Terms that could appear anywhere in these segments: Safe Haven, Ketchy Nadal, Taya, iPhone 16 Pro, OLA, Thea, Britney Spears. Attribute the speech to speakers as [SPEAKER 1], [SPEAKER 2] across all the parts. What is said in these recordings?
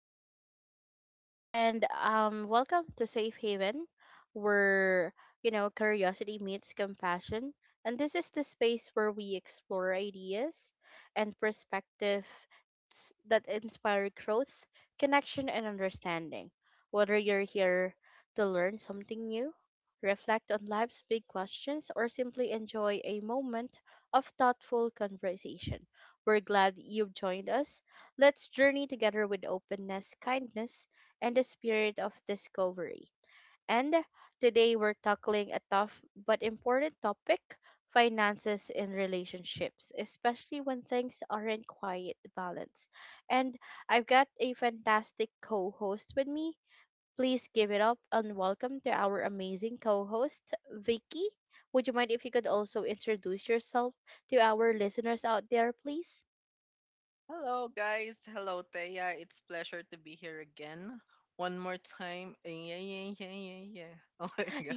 [SPEAKER 1] your host, and welcome to Safe Haven, where curiosity meets compassion. And this is the space where we explore ideas and perspectives that inspire growth, connection, and understanding. Whether you're here to learn something new, reflect on life's big questions, or simply enjoy a moment of thoughtful conversation. We're glad you've joined us. Let's journey together with openness, kindness, and the spirit of discovery. And today we're tackling a tough but important topic: finances in relationships, especially when things aren't quite balanced. And I've got a fantastic co host with me. Please give it up and welcome to our amazing co host, Vicky. Would you mind if you could also introduce yourself to our listeners out there, please?
[SPEAKER 2] Hello, guys. Hello, Thea. It's pleasure to be here again. One more time. Yeah, yeah, yeah, yeah, yeah. Oh my God.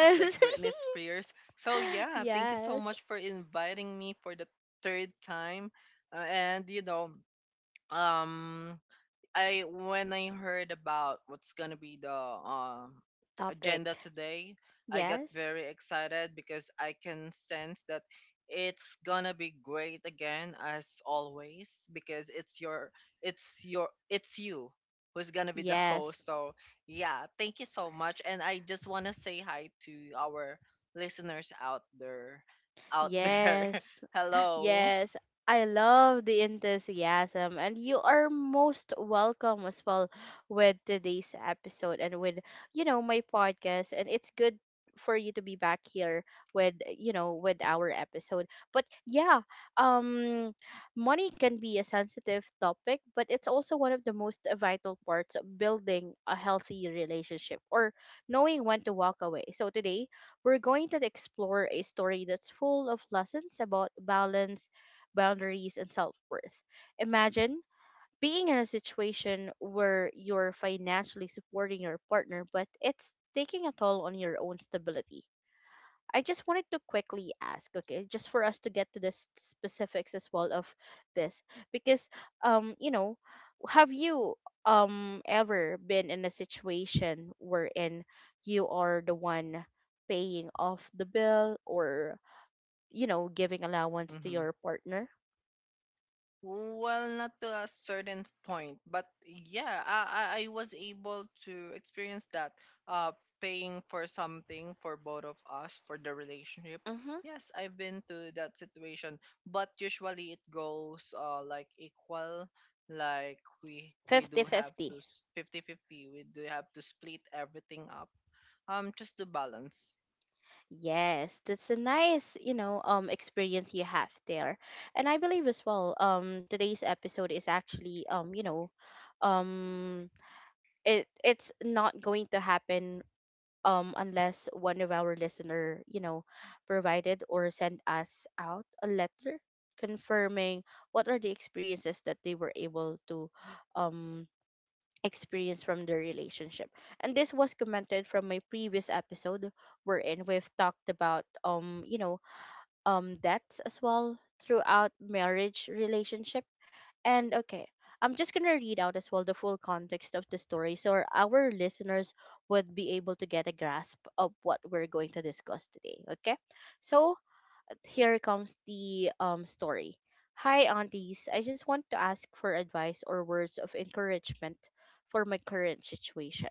[SPEAKER 2] It's like Britney Spears. So, yeah, thank you so
[SPEAKER 1] Yes.
[SPEAKER 2] much for inviting me for the third time. And, you know, um, I when I heard about what's gonna be the um agenda
[SPEAKER 1] Topic.
[SPEAKER 2] today, I got
[SPEAKER 1] Yes.
[SPEAKER 2] very excited because I can sense that it's gonna be great again as always, because it's you who's gonna be the
[SPEAKER 1] Yes.
[SPEAKER 2] host. So yeah, thank you so much. And I just wanna say hi to our listeners out there.
[SPEAKER 1] Yes.
[SPEAKER 2] Hello.
[SPEAKER 1] Yes. I love the enthusiasm, and you are most welcome as well with today's episode and with my podcast, and it's good for you to be back here with our episode. But yeah, um money can be a sensitive topic, but it's also one of the most vital parts of building a healthy relationship, or knowing when to walk away. So today, we're going to explore a story that's full of lessons about balance, boundaries, and self worth. Imagine being in a situation where you're financially supporting your partner, but it's taking a toll on your own stability. I just wanted to quickly ask, okay, just for us to get to the specifics as well of this, because um, you know, have you ever been in a situation wherein you are the one paying off the bill, or giving allowance to
[SPEAKER 2] Mhm.
[SPEAKER 1] your partner?
[SPEAKER 2] Well, not to a certain point, but yeah, I was able to experience that. Uh, Paying for something for both of us, for the relationship.
[SPEAKER 1] Mm-hmm.
[SPEAKER 2] Yes, I've been to that situation, but usually it goes, like, equal. Like, we
[SPEAKER 1] Fifty
[SPEAKER 2] do have to
[SPEAKER 1] fifty.
[SPEAKER 2] 50-50. We do have to split everything up. Just to balance.
[SPEAKER 1] Yes, that's a nice, experience you have there. And I believe as well, today's episode is actually um it's not going to happen unless one of our listener, provided or sent us out a letter confirming what are the experiences that they were able to um experience from their relationship. And this was commented from my previous episode wherein we've talked about debts as well throughout marriage relationship. And okay, I'm just gonna read out as well the full context of the story so our listeners would be able to get a grasp of what we're going to discuss today. Okay. So here comes the story. Hi aunties, I just want to ask for advice or words of encouragement for my current situation.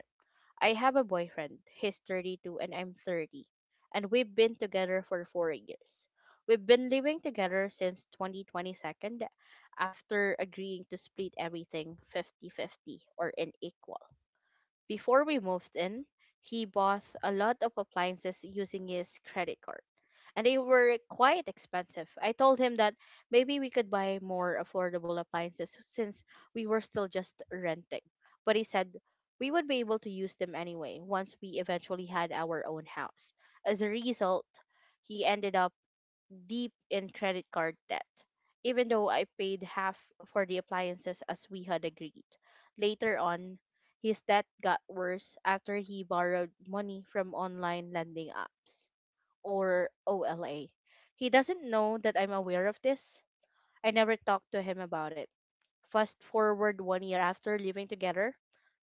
[SPEAKER 1] I have a boyfriend. He's 32 and I'm 30. And we've been together for 4 years. We've been living together since 2022 after agreeing to split everything 50-50 or in equal. Before we moved in, he bought a lot of appliances using his credit card, and they were quite expensive. I told him that maybe we could buy more affordable appliances since we were still just renting. But he said we would be able to use them anyway once we eventually had our own house. As a result, he ended up deep in credit card debt, even though I paid half for the appliances as we had agreed. Later on, his debt got worse after he borrowed money from online lending apps, or OLA. He doesn't know that I'm aware of this. I never talked to him about it. Fast forward one year after living together,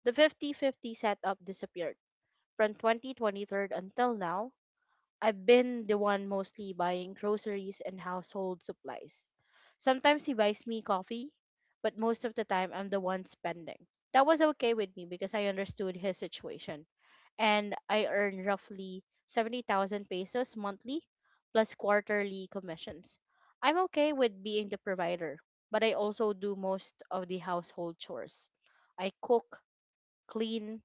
[SPEAKER 1] the 50-50 setup disappeared. From 2023 until now, I've been the one mostly buying groceries and household supplies. Sometimes he buys me coffee, but most of the time I'm the one spending. That was okay with me because I understood his situation. And I earn roughly 70,000 pesos monthly plus quarterly commissions. I'm okay with being the provider, but I also do most of the household chores. I cook, clean,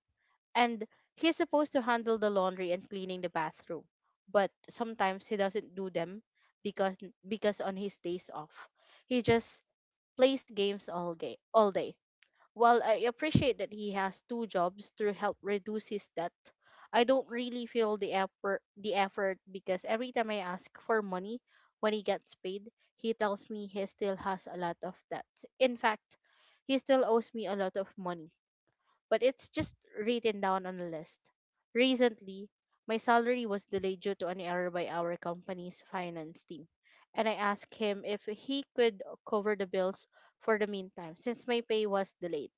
[SPEAKER 1] and he's supposed to handle the laundry and cleaning the bathroom, but sometimes he doesn't do them because on his days off he just plays games all day all day. While I appreciate that he has two jobs to help reduce his debt, I don't really feel the effort because every time I ask for money, when he gets paid, he tells me he still has a lot of debts. In fact, he still owes me a lot of money, but it's just written down on a list. Recently, my salary was delayed due to an error by our company's finance team, and I asked him if he could cover the bills for the meantime since my pay was delayed.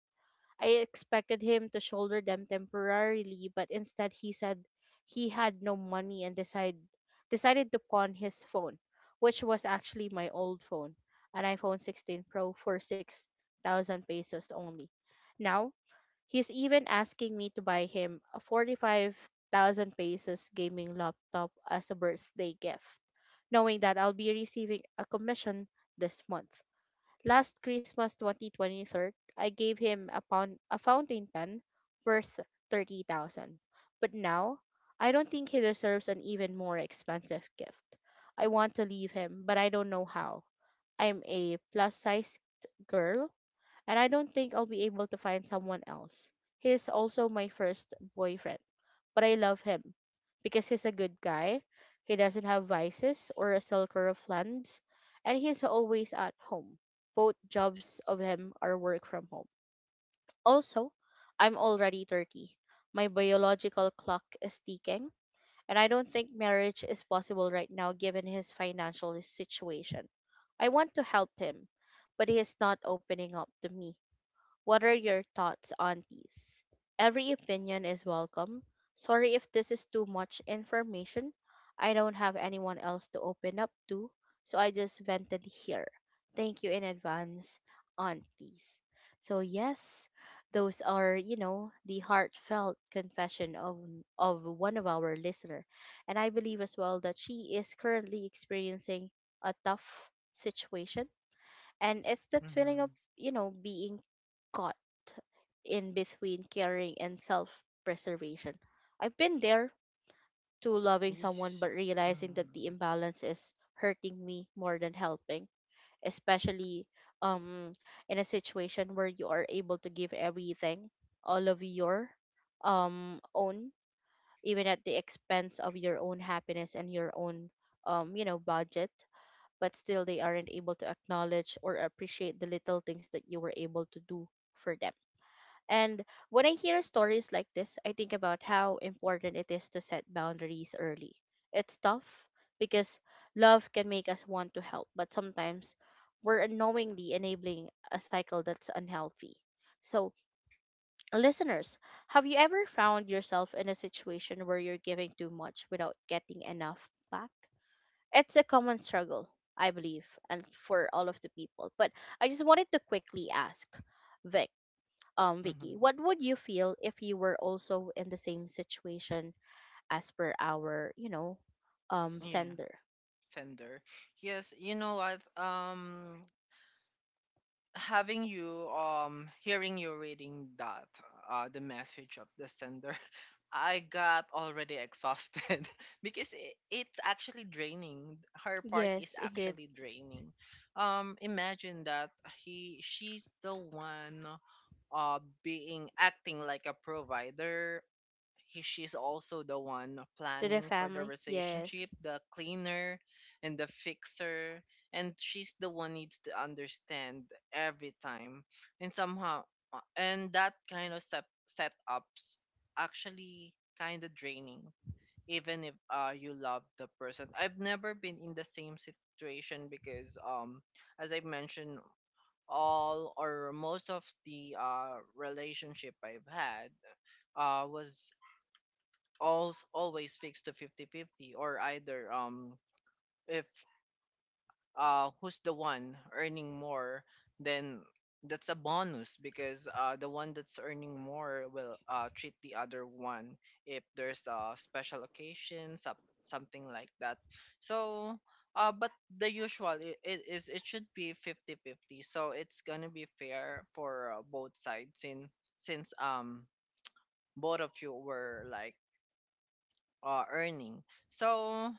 [SPEAKER 1] I expected him to shoulder them temporarily, but instead he said he had no money, and decided to pawn his phone, which was actually my old phone, an iPhone 16 Pro, for 6,000 pesos only. Now, he's even asking me to buy him a 45,000 pesos gaming laptop as a birthday gift, knowing that I'll be receiving a commission this month. Last Christmas 2023, I gave him a fountain pen worth 30,000. But now, I don't think he deserves an even more expensive gift. I want to leave him, but I don't know how. I'm a plus sized girl, and I don't think I'll be able to find someone else. He's also my first boyfriend, but I love him because he's a good guy. He doesn't have vices or a sulker of lands, and he's always at home. Both jobs of him are work from home. Also, I'm already 30. My biological clock is ticking, and I don't think marriage is possible right now given his financial situation. I want to help him, but he is not opening up to me. What are your thoughts on these? Every opinion is welcome. Sorry if this is too much information. I don't have anyone else to open up to, so I just vented here. Thank you in advance on these. So yes, those are, the heartfelt confession of one of our listener. And I believe as well that she is currently experiencing a tough situation, and it's that feeling
[SPEAKER 2] Mm-hmm.
[SPEAKER 1] of being caught in between caring and self preservation. I've been there, to loving someone
[SPEAKER 2] Yes.
[SPEAKER 1] but realizing that the
[SPEAKER 2] Mm-hmm.
[SPEAKER 1] imbalance is hurting me more than helping, especially um in a situation where you are able to give everything, all of your own, even at the expense of your own happiness and your own budget, but still they aren't able to acknowledge or appreciate the little things that you were able to do for them. And when I hear stories like this, I think about how important it is to set boundaries early. It's tough because love can make us want to help, but sometimes we're unknowingly enabling a cycle that's unhealthy. So, listeners, have you ever found yourself in a situation where you're giving too much without getting enough back? It's a common struggle, I believe, and for all of the people. But I just wanted to quickly ask Vic, Vicky, what would you feel if you were also in the same situation as per our,
[SPEAKER 2] Yeah.
[SPEAKER 1] sender?
[SPEAKER 2] Sender. Yes, you know what? Having you, hearing you reading that, the message of the sender, I got already exhausted because it's actually draining. Her part is
[SPEAKER 1] Yes, indeed.
[SPEAKER 2] actually draining. Imagine that, he she's the one, being acting like a provider. She's also the one
[SPEAKER 1] To the
[SPEAKER 2] planning for
[SPEAKER 1] family,
[SPEAKER 2] the
[SPEAKER 1] yes.
[SPEAKER 2] relationship, the cleaner and the fixer, and she's the one needs to understand every time. And somehow, and that kind of setups actually kind of draining even if you love the person. I've never been in the same situation, because as I mentioned, all or most of the relationship I've had was always fixed to 50-50, or either, if who's the one earning more, then that's a bonus because the one that's earning more will treat the other one if there's a special occasion, something like that. So but, the usual, it should be 50-50, so it's gonna be fair for, both sides, in since both of you were like, earning. So,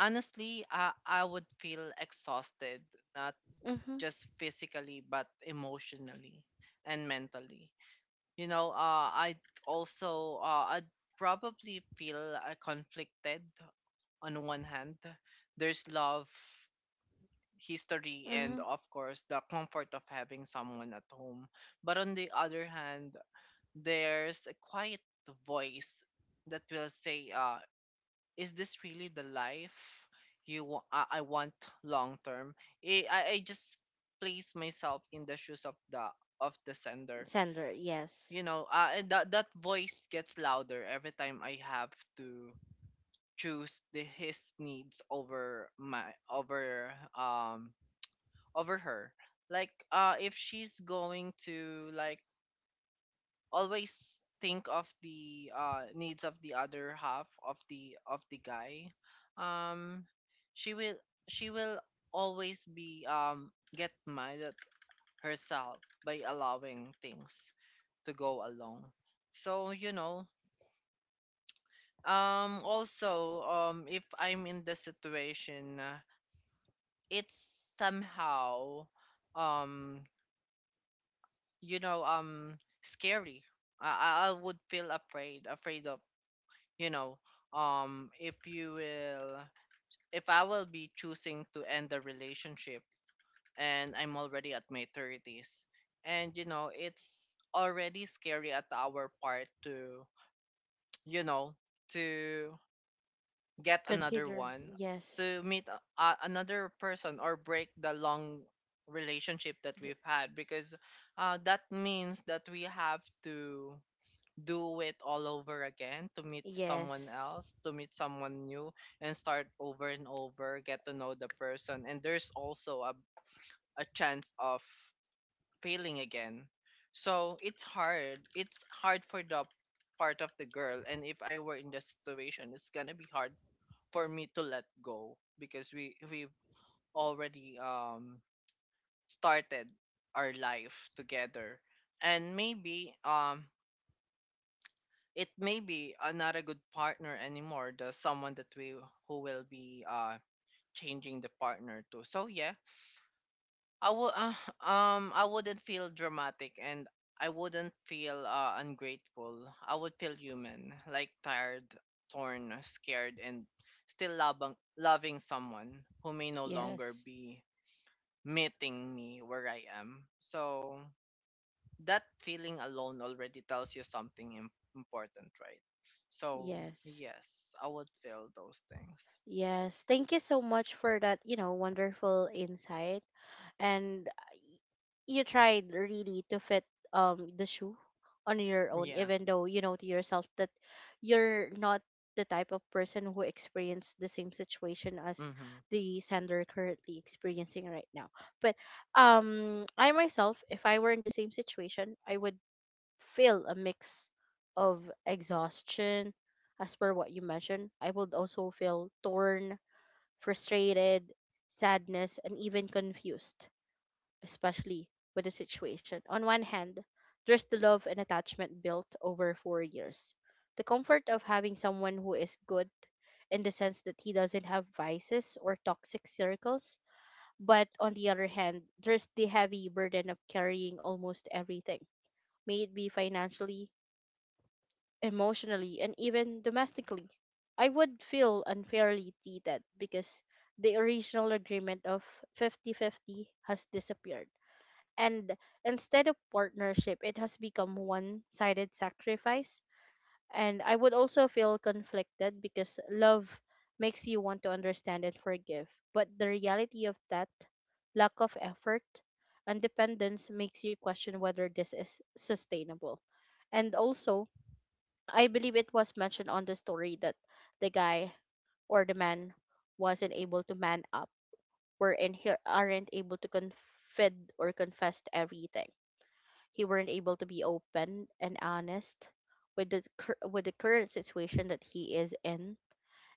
[SPEAKER 2] honestly, I would feel exhausted, not
[SPEAKER 1] Mhm,
[SPEAKER 2] just physically, but emotionally and mentally. You know, I'd probably feel, conflicted. On one hand, there's love, history,
[SPEAKER 1] mhm.
[SPEAKER 2] and of course, the comfort of having someone at home. But on the other hand, there's a quiet voice that will say, is this really the life I want long term? I just place myself in the shoes of the sender.
[SPEAKER 1] Sender, yes.
[SPEAKER 2] You know, that voice gets louder every time I have to choose his needs over my over um over her. Like, if she's going to, like, always think of the, needs of the other half of the guy, um she will she will always be get mad at herself by allowing things to go along. So, also, if I'm in the situation, it's somehow, um you know um scary. I would feel afraid of, you know um if you will if I will be choosing to end the relationship. And I'm already at my 30s, and, it's already scary at our part to, you know to get another
[SPEAKER 1] Consider,
[SPEAKER 2] one,
[SPEAKER 1] yes,
[SPEAKER 2] to meet another person, or break the long relationship that
[SPEAKER 1] D-
[SPEAKER 2] we've had, because that means that we have to do it all over again, to meet someone
[SPEAKER 1] yes,
[SPEAKER 2] else, to meet someone new, and start over and over, get to know the person. And there's also a chance of failing again. So it's hard. It's hard for the part of the girl. And if I were in the situation, it's gonna be hard for me to let go, because we've already, started our life together. And maybe, it may be, not a good partner anymore, the someone that we who will be, changing the partner to. So yeah, I would I wouldn't feel dramatic, and I wouldn't feel, ungrateful. I would feel human, like tired, torn, scared, and still loving someone who may no longer
[SPEAKER 1] yes,
[SPEAKER 2] be meeting me where I am. So, that feeling alone already tells you something, important, right? So,
[SPEAKER 1] yes.
[SPEAKER 2] yes, I would feel those things.
[SPEAKER 1] Yes, thank you so much for that, wonderful insight. And you tried really to fit the shoe on your own,
[SPEAKER 2] Yeah.
[SPEAKER 1] even though you know to yourself that you're not the type of person who experienced the same situation as
[SPEAKER 2] Mm-hmm.
[SPEAKER 1] the sender currently experiencing right now. But I myself, if I were in the same situation, I would feel a mix of exhaustion. As per what you mentioned, I would also feel torn, frustrated, sadness, and even confused, especially with the situation. On one hand, there's the love and attachment built over 4 years. The comfort of having someone who is good in the sense that he doesn't have vices or toxic circles. But on the other hand, there's the heavy burden of carrying almost everything, may it be financially, emotionally, and even domestically. I would feel unfairly treated because the original agreement of 50-50 has disappeared. And instead of partnership, it has become one sided sacrifice. And I would also feel conflicted because love makes you want to understand and forgive. But the reality of that lack of effort and dependence makes you question whether this is sustainable. And also, I believe it was mentioned on the story that the guy or the man wasn't able to man up, wherein he aren't able to confide or confess everything. He weren't able to be open and honest with with the current situation that he is in.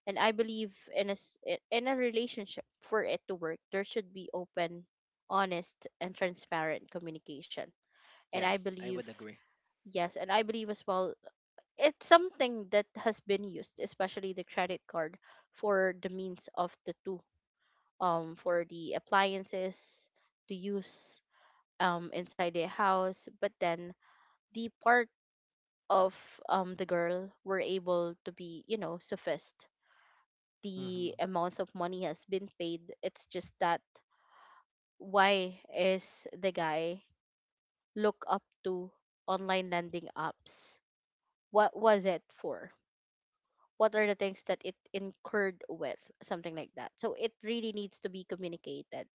[SPEAKER 1] And I believe in a relationship, for it to work, there should be open, honest, and transparent communication. and i
[SPEAKER 2] Yes, I
[SPEAKER 1] believe
[SPEAKER 2] would agree.
[SPEAKER 1] yes and I believe as well, it's something that has been used, especially the credit card, for the means of the two, for the appliances to use inside the house. But then the part of, the girl were able to be, you know, sufficed.
[SPEAKER 2] Mm-hmm.
[SPEAKER 1] The amount of money has been paid. It's just that, why is the guy look up to online lending apps? What was it for? What are the things that it incurred with something like that? So it really needs to be communicated,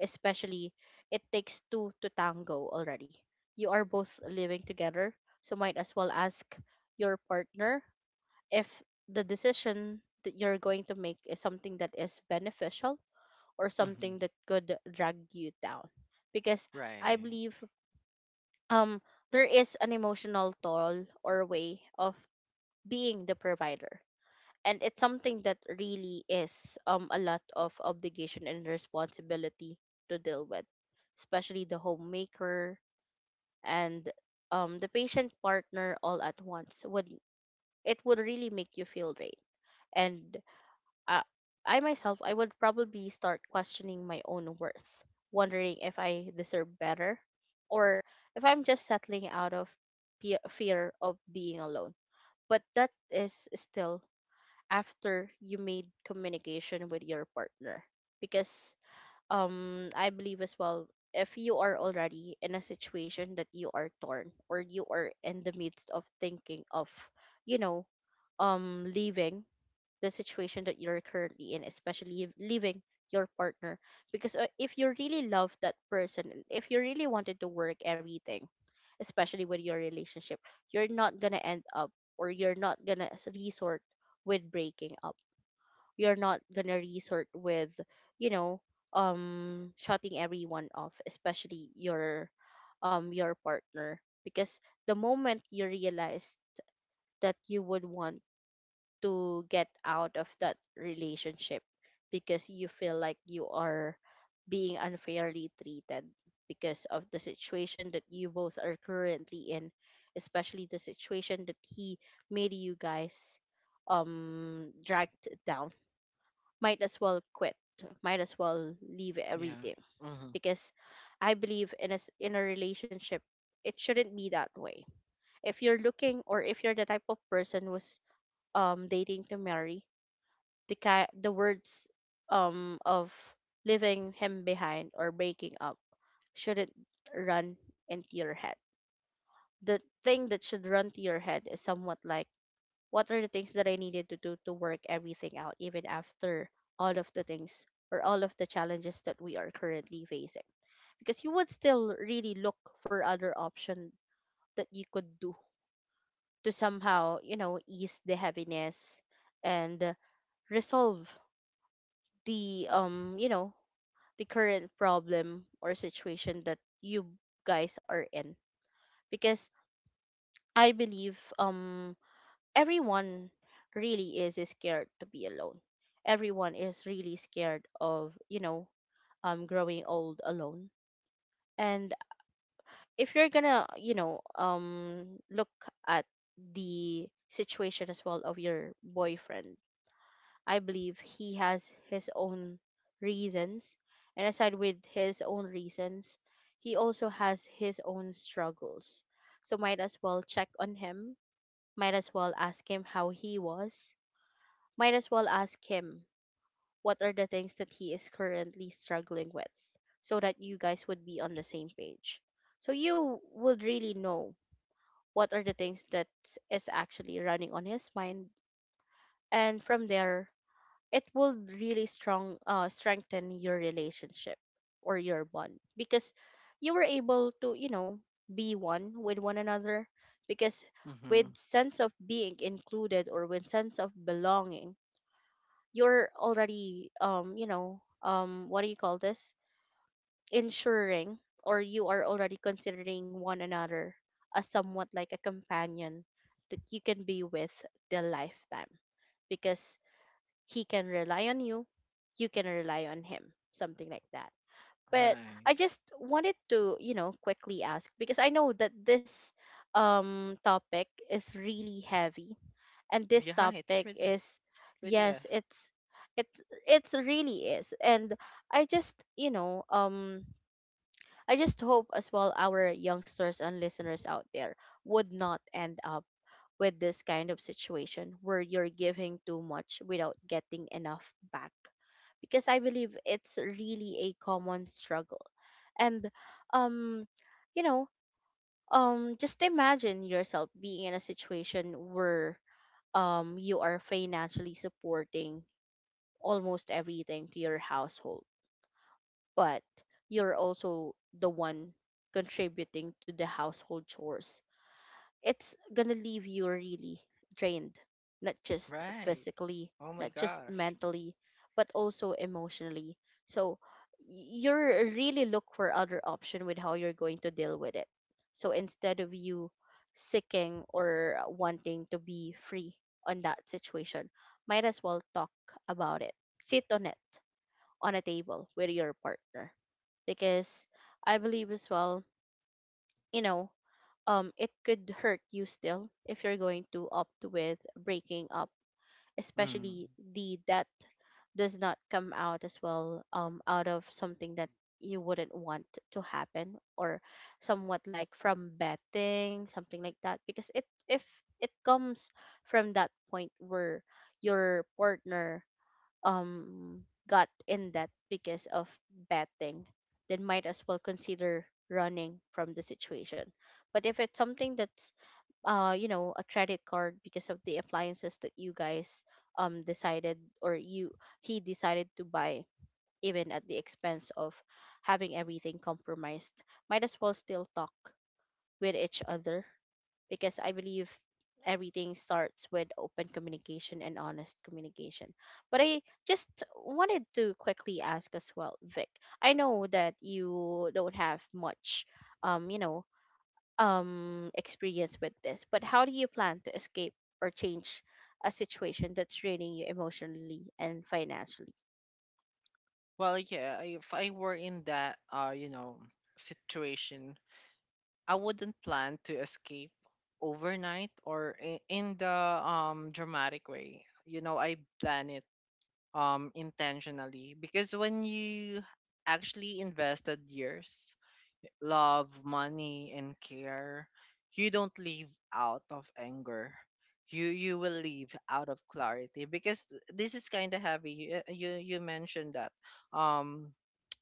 [SPEAKER 1] especially it takes two to tango already. You are both living together, so might as well ask your partner if the decision that you're going to make is something that is beneficial or something
[SPEAKER 2] Mm-hmm.
[SPEAKER 1] that could drag you down. Because I
[SPEAKER 2] Right.
[SPEAKER 1] believe, um there is an emotional toll or way of being the provider, and it's something that really is, a lot of obligation and responsibility to deal with, especially the homemaker and, the patient partner all at once would, it would really make you feel drained. And uh, I myself, I would probably start questioning my own worth, wondering if I deserve better or if I'm just settling out of fear of being alone. But that is still after you made communication with your partner. Because, I believe as well, if you are already in a situation that you are torn, or you are in the midst of thinking of, you know leaving the situation that you're currently in, especially if leaving your partner. Because if you really love that person, if you really wanted to work everything, especially with your relationship, you're not gonna end up, or you're not gonna resort with breaking up. You're not gonna resort with, you know, shutting everyone off, especially your partner. Because the moment you realize that you would want to get out of that relationship, because you feel like you are being unfairly treated because of the situation that you both are currently in, especially the situation that he made you guys dragged down, might as well quit, might as well leave
[SPEAKER 2] Yeah.
[SPEAKER 1] everything.
[SPEAKER 2] Mm-hmm.
[SPEAKER 1] Because I believe in a relationship, it shouldn't be that way. If you're looking, or if you're the type of person who's dating to marry, the words of leaving him behind or breaking up shouldn't run into your head. The thing that should run to your head is somewhat like, what are the things that I needed to do to work everything out, even after all of the things or all of the challenges that we are currently facing? Because you would still really look for other option that you could do to somehow, you know, ease the heaviness and resolve the you know the current problem or situation that you guys are in. Because I believe, everyone really is scared to be alone. Everyone is really scared of, you know, growing old alone. And if you're gonna, you know, look at the situation as well of your boyfriend, I believe he has his own reasons. And aside with his own reasons, he also has his own struggles. So might as well check on him. Might as well ask him how he was. Might as well ask him what are the things that he is currently struggling with, so that you guys would be on the same page. So you would really know what are the things that is actually running on his mind. And from there, it will really strong strengthen your relationship or your bond, because you were able to, you know, be one with one another. Because
[SPEAKER 2] Mm-hmm.
[SPEAKER 1] with sense of being included or with sense of belonging, you're already what do you call this, ensuring, or you are already considering one another as somewhat like a companion that you can be with the lifetime, because he can rely on you, you can rely on him, something like that. But
[SPEAKER 2] Right.
[SPEAKER 1] I just wanted to, you know, quickly ask, because I know that this topic is really heavy, and this
[SPEAKER 2] Yeah,
[SPEAKER 1] topic
[SPEAKER 2] it's
[SPEAKER 1] is,
[SPEAKER 2] really
[SPEAKER 1] yes,
[SPEAKER 2] is.
[SPEAKER 1] it's it's really is. And I just, you know, I just hope as well our youngsters and listeners out there would not end up with this kind of situation where you're giving too much without getting enough back, because I believe it's really a common struggle. And um you know, just imagine yourself being in a situation where you are financially supporting almost everything to your household, but you're also the one contributing to the household chores. It's gonna leave you really drained, not just
[SPEAKER 2] Right.
[SPEAKER 1] physically,
[SPEAKER 2] Oh my
[SPEAKER 1] not just
[SPEAKER 2] gosh.
[SPEAKER 1] mentally, but also emotionally. So you're really look for other option with how you're going to deal with it. So instead of you seeking or wanting to be free on that situation, might as well talk about it. Sit on it on a table with your partner, because I believe as well, you know, it could hurt you still if you're going to opt with breaking up,
[SPEAKER 2] Mm.
[SPEAKER 1] especially the debt does not come out as well out of something that you wouldn't want to happen, or somewhat like from betting something like that. Because it, if it comes from that point where your partner um got in debt because of betting, then might as well consider running from the situation. But if it's something that's you know a credit card because of the appliances that you guys decided, or you, he decided to buy even at the expense of having everything compromised, might as well still talk with each other, because I believe everything starts with open communication and honest communication. But I just wanted to quickly ask as well, Vic. I know that you don't have much, you know, experience with this, but how do you plan to escape or change a situation that's draining you emotionally and financially?
[SPEAKER 2] Well, yeah, if I were in that, situation, I wouldn't plan to escape overnight, or, in the, dramatic way. You know, I plan it, intentionally, because when you actually invested years, love, money and care, you don't leave out of anger. You will leave out of clarity, because, this is kind of heavy. You mentioned that. Um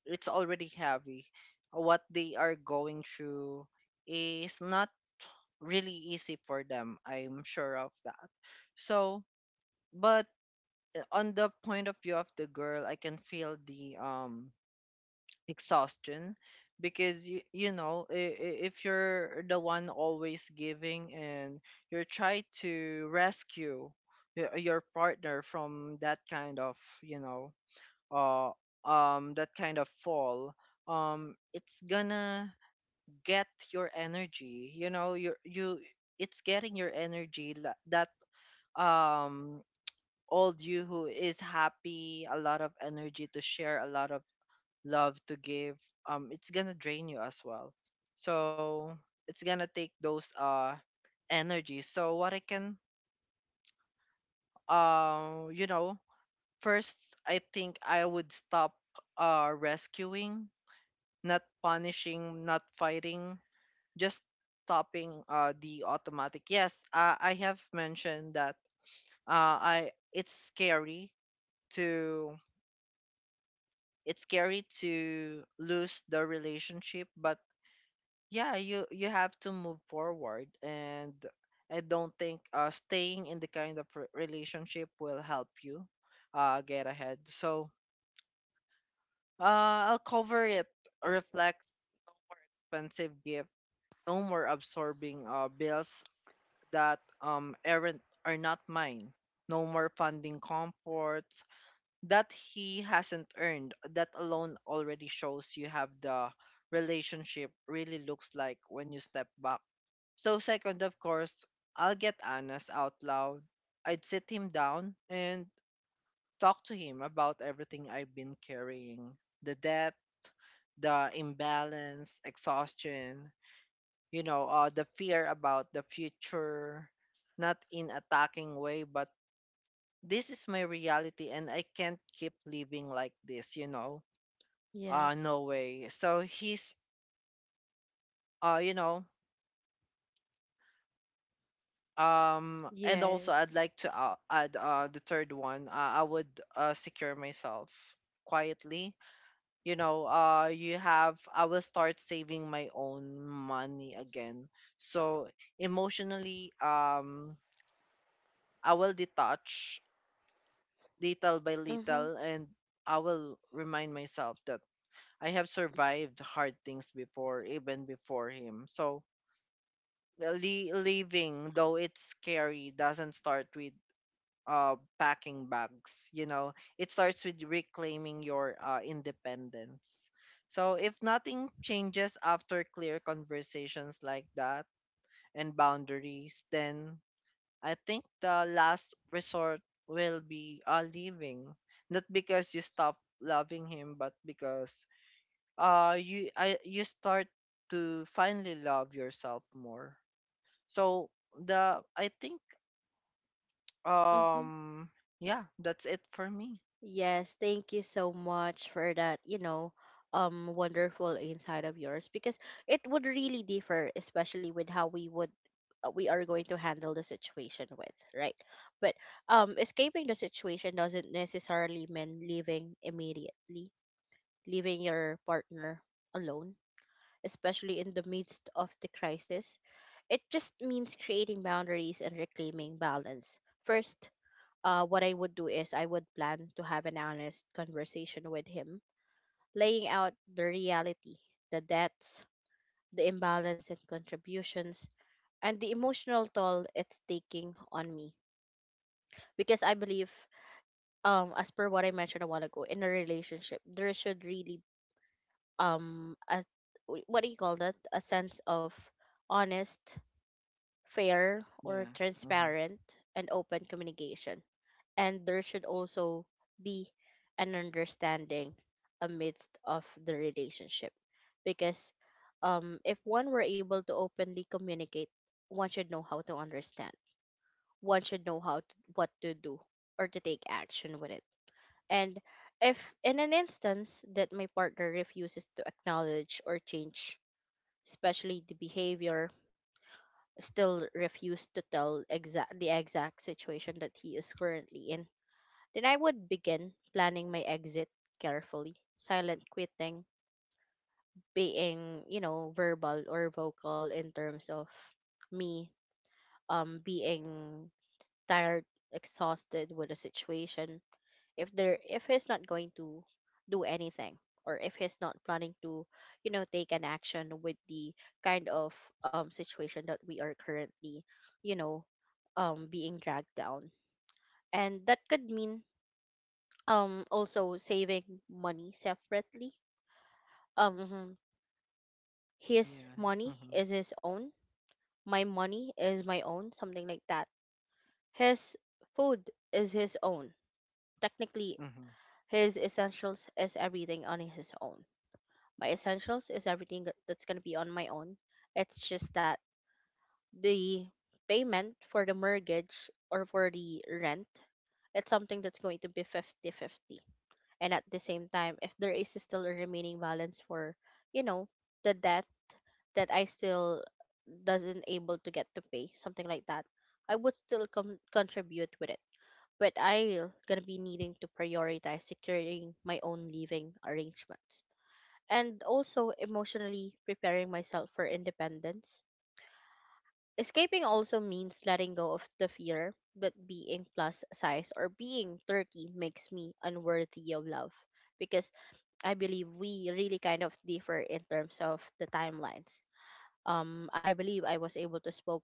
[SPEAKER 2] it's already heavy. What they are going through is not really easy for them. I'm sure of that. So, but on the point of view of the girl, I can feel the, exhaustion, because, if you're the one always giving, and you're trying to rescue, your partner from that kind of, you know uh, fall. It's gonna get your energy. You know, you it's getting your energy, that, um old you, who is happy, a lot of energy to share, a lot of love to give. It's gonna drain you as well. So it's gonna take those energy. So, what I can you know first, I think I would stop, rescuing, not punishing, not fighting, just stopping, the automatic. Yes, I have mentioned that, I to it's scary to lose the relationship, but yeah, you have to move forward, and I don't think, staying in the kind of, relationship will help you, get ahead. So, I'll cover it. Reflects. No more expensive gift, no more absorbing, bills that, are not mine, no more funding comforts that he hasn't earned. That alone already shows you have the relationship really looks like when you step back. So, second, of course, I'll get honest out loud. I'd sit him down and talk to him about everything I've been carrying: the debt, the imbalance, exhaustion, the fear about the future. Not in attacking way, but this is my reality, and I can't keep living like this, you know.
[SPEAKER 1] Yes.
[SPEAKER 2] No way. So he's uh you know um and also,
[SPEAKER 1] Yes.
[SPEAKER 2] I'd like to, add, the third one. I would, secure myself quietly. You know you have I will start saving my own money again. So, emotionally, I will detach, little by
[SPEAKER 1] Mhm.
[SPEAKER 2] little, and I will remind myself that I have survived hard things before, even before him. So, le- leaving, though it's scary, doesn't start with packing bags. You know, it starts with reclaiming your, independence. So, if nothing changes after clear conversations like that and boundaries, then I think the last resort will be, leaving, not because you stop loving him, but because, you start to finally love yourself more. So, the I think,
[SPEAKER 1] Mhm.
[SPEAKER 2] um yeah, that's it for me.
[SPEAKER 1] Yes, thank you so much for that, you know, wonderful insight of yours, because it would really differ, especially with how we would we are going to handle the situation with, right? But escaping the situation doesn't necessarily mean leaving immediately, leaving your partner alone, especially in the midst of the crisis. It just means creating boundaries and reclaiming balance. First, what I would do is I would plan to have an honest conversation with him, laying out the reality, the debts, the imbalance in contributions, and the emotional toll it's taking on me. Because I believe, as per what I mentioned a while ago, in a relationship, there should really a what do you call that? A sense of honest, fair, or
[SPEAKER 2] Yeah. Mm-hmm.
[SPEAKER 1] transparent and open communication. And there should also be an understanding amidst of the relationship, because if one were able to openly communicate, one should know how to understand, one should know how to, what to do, or to take action with it. And if in an instance that my partner refuses to acknowledge or change, especially the behavior, still refuse to tell exact the exact situation that he is currently in, then I would begin planning my exit carefully. Silent quitting, being, you know, verbal or vocal in terms of me being tired, exhausted with the situation. If there if he's not going to do anything, or if he's not planning to, you know, take an action with the kind of situation that we are currently, you know, being dragged down. And that could mean also saving money separately um mhm. his
[SPEAKER 2] Yeah.
[SPEAKER 1] money
[SPEAKER 2] Mm-hmm.
[SPEAKER 1] is his own, my money is my own, something like that. His food is his own, technically.
[SPEAKER 2] Mm-hmm.
[SPEAKER 1] His essentials is everything on his own. My essentials is everything that's going to be on my own. It's just that the payment for the mortgage or for the rent, it's something that's going to be 50-50. And at the same time, if there is still a remaining balance for, you know, the debt that I still doesn't able to get to pay, something like that, I would still contribute with it. But I gonna be needing to prioritize securing my own living arrangements, and also emotionally preparing myself for independence. Escaping also means letting go of the fear that being plus size or being 30 makes me unworthy of love, because I believe we really kind of differ in terms of the timelines. I believe I was able to spoke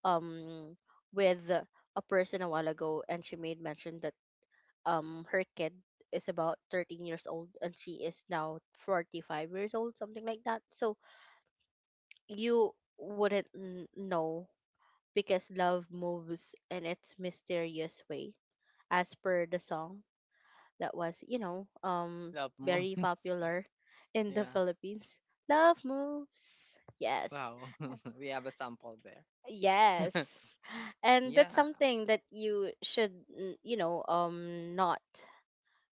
[SPEAKER 1] um with a person a while ago, and she made mention that her kid is about 13 years old and she is now 45 years old, something like that. So you wouldn't know, because love moves in its mysterious way, as per the song that was, you know,
[SPEAKER 2] Love
[SPEAKER 1] very
[SPEAKER 2] moons.
[SPEAKER 1] popular in the
[SPEAKER 2] Yeah.
[SPEAKER 1] Philippines. Love moves. Yes.
[SPEAKER 2] Wow. We have a sample there.
[SPEAKER 1] Yes. And that's
[SPEAKER 2] Yeah.
[SPEAKER 1] something that you should, not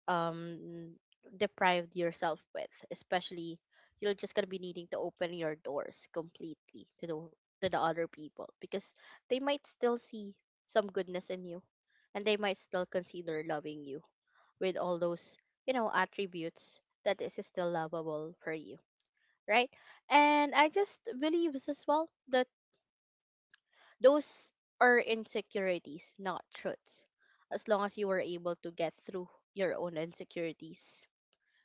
[SPEAKER 1] um, deprive yourself with, especially you're just gonna be needing to open your doors completely to the other people because they might still see some goodness in you and they might still consider loving you with all those, attributes that is still lovable for you, right? And I just believes as well that those are insecurities, not truths. As long as you were able to get through your own insecurities,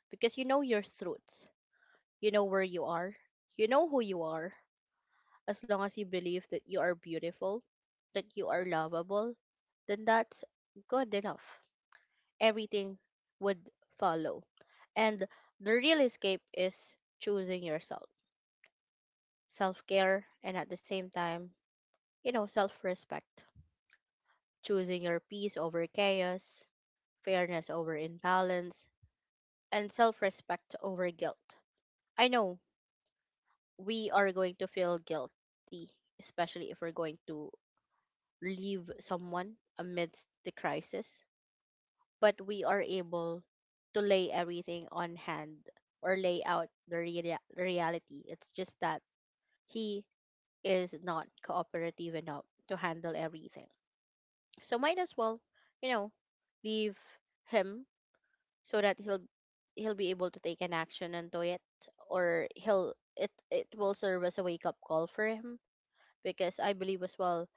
[SPEAKER 1] because you know your truths, you know where you are, you know who you are. As long as you believe that you are beautiful, that you are lovable, then that's good enough. Everything would follow. And the real escape is choosing yourself, self care, and at the same time, self respect, choosing your peace over chaos, fairness over imbalance, and self respect over guilt. I know we are going to feel guilty, especially if we're going to leave someone amidst the crisis but we are able to lay everything on hand or lay out the reality. It's just that he is not cooperative enough to handle everything. So might as well, you know, leave him so that he'll be able to take an action onto it or he'll it will serve as a wake up call for him because I believe as well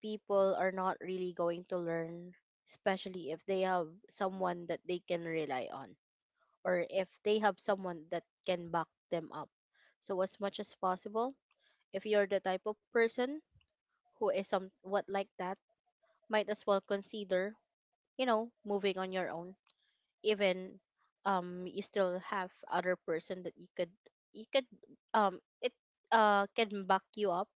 [SPEAKER 1] people are not really going to learn especially if they have someone that they can rely on or if they have someone that can back them up. So as much as possible, if you're the type of person who is somewhat like that, might as well consider, moving on your own. Even you still have other person that you could it can back you up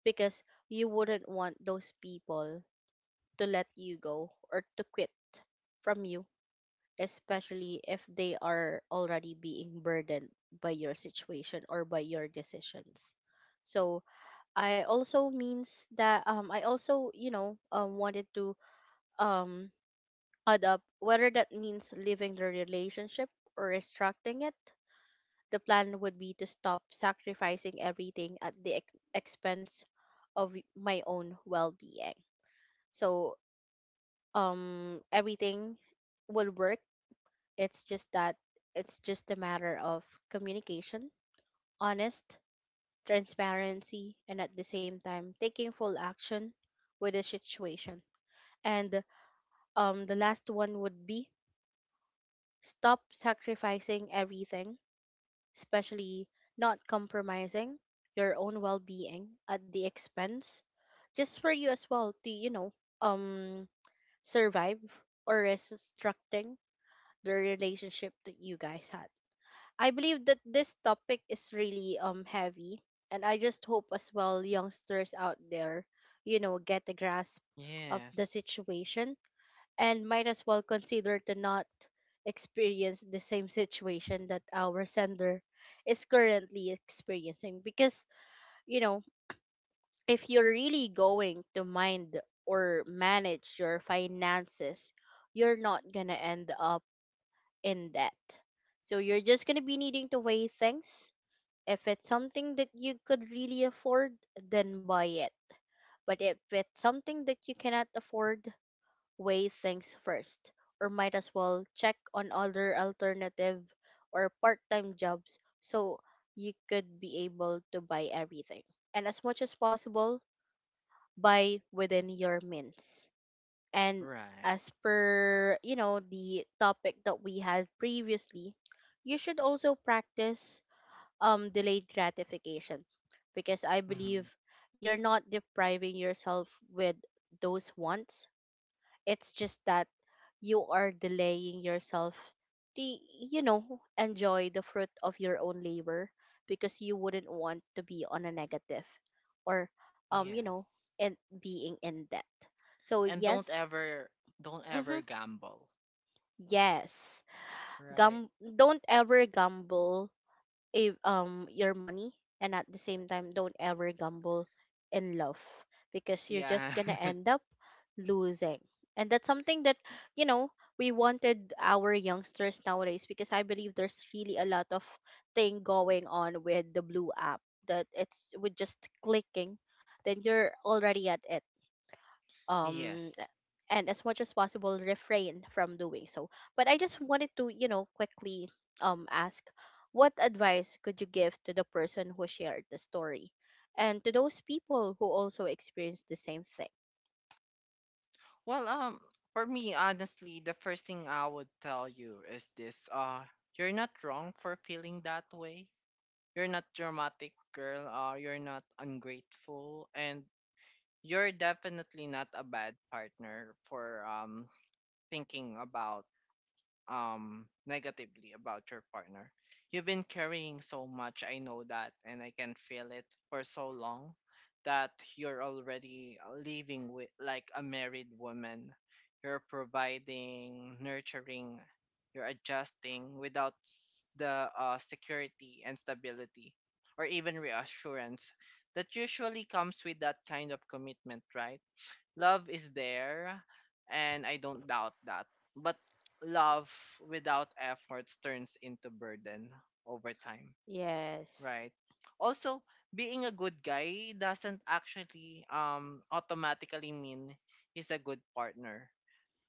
[SPEAKER 1] because you wouldn't want those people to let you go or to quit from you especially if they are already being burdened by your situation or by your decisions. So I also means that I also wanted to um add up whether that means leaving the relationship or restricting it. The plan would be to stop sacrificing everything at the expense of my own well-being. So everything will work. It's just that it's just a matter of communication, honest, transparency, and at the same time taking full action with the situation. And the last one would be stop sacrificing everything, especially not compromising your own well-being at the expense just for you as well to um survive or restricting the relationship that you guys had. I believe that this topic is really heavy and I just hope as well youngsters out there, get a grasp of the
[SPEAKER 2] Yes.
[SPEAKER 1] situation and might as well consider to not experience the same situation that our sender is currently experiencing because you know if you're really going to mind or manage your finances you're not gonna end up in debt so you're just gonna be needing to weigh things if it's something that you could really afford, then buy it. But if it's something that you cannot afford, weigh things first, or might as well check on other alternative or part time jobs so you could be able to buy everything. And as much as possible, buy within your means. And
[SPEAKER 2] Right.
[SPEAKER 1] as per, the topic that we had previously, you should also practice delayed gratification because I believe
[SPEAKER 2] Mm-hmm.
[SPEAKER 1] you're not depriving yourself with those wants. It's just that you are delaying yourself to enjoy the fruit of your own labor because you wouldn't want to be on a negative or um you know
[SPEAKER 2] Yes.
[SPEAKER 1] and being in debt. So
[SPEAKER 2] And don't
[SPEAKER 1] yes,
[SPEAKER 2] ever, don't ever
[SPEAKER 1] hmm,
[SPEAKER 2] gamble,
[SPEAKER 1] yes.
[SPEAKER 2] right?
[SPEAKER 1] Gum Don't ever gamble your money and at the same time don't ever gamble in love because you're just
[SPEAKER 2] Yeah.
[SPEAKER 1] gonna end up losing and that's something that, you know we wanted our youngsters nowadays because I believe there's really a lot of thing going on with the blue app that it's with just clicking then you're already at it. um
[SPEAKER 2] Yes.
[SPEAKER 1] and as much as possible refrain from doing so, but I just wanted to, quickly ask, what advice could you give to the person who shared the story and to those people who also experienced the same thing?
[SPEAKER 2] Well, for me, honestly, the first thing I would tell you is this: you're not wrong for feeling that way, you're not dramatic, girl, you're not ungrateful, and you're definitely not a bad partner for, thinking about, negatively about your partner. You've been carrying so much, I know that, and I can feel it for so long, that you're already living with, like, a married woman. You're providing, nurturing, you're adjusting without, the, security and stability, or even reassurance that usually comes with that kind of commitment, right? Love is there, and I don't doubt that. But love without efforts turns into burden over time,
[SPEAKER 1] Yes.
[SPEAKER 2] right? Also, being a good guy doesn't actually, automatically mean he's a good partner,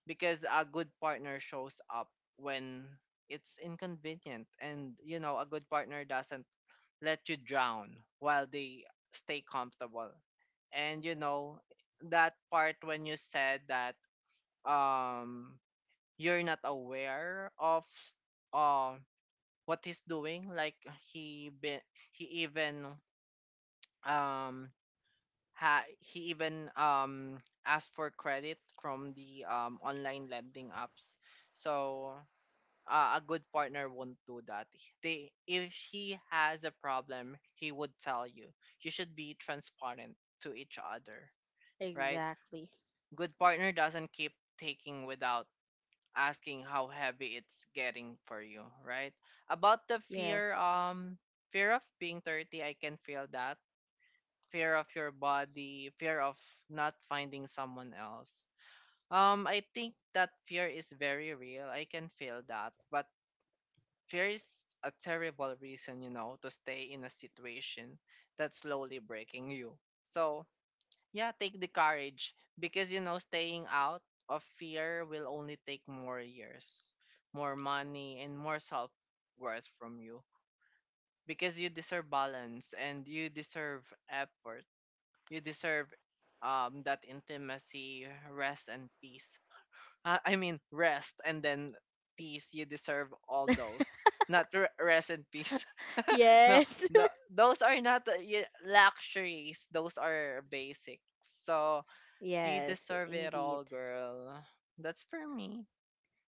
[SPEAKER 2] because a good partner shows up when it's inconvenient, and, a good partner doesn't let you drown while they stay comfortable. And you know, that part when you said that, um you're not aware of, uh what he's doing, like, he be, he even um ha, he even, asked for credit from the, online lending apps. So, a good partner won't do that. If he has a problem, he would tell you. You should be transparent to each other, right?
[SPEAKER 1] Exactly.
[SPEAKER 2] Good partner doesn't keep taking without asking how heavy it's getting for you, right? About the fear,
[SPEAKER 1] Yes.
[SPEAKER 2] fear of being 30, I can feel that. Fear of your body, fear of not finding someone else. I think that fear is very real. I can feel that, but there's a terrible reason, you know, to stay in a situation that's slowly breaking you. So, yeah, take the courage because, you know, staying out of fear will only take more years, more money, and more self worth from you, because you deserve balance and you deserve effort. You deserve that intimacy, rest, and peace. I mean rest and then peace. You deserve all those, not re- rest and peace. No,
[SPEAKER 1] Yes.
[SPEAKER 2] the, those are not luxuries. Those are basics. So you
[SPEAKER 1] Yes,
[SPEAKER 2] deserve it
[SPEAKER 1] indeed.
[SPEAKER 2] all, girl. That's for me.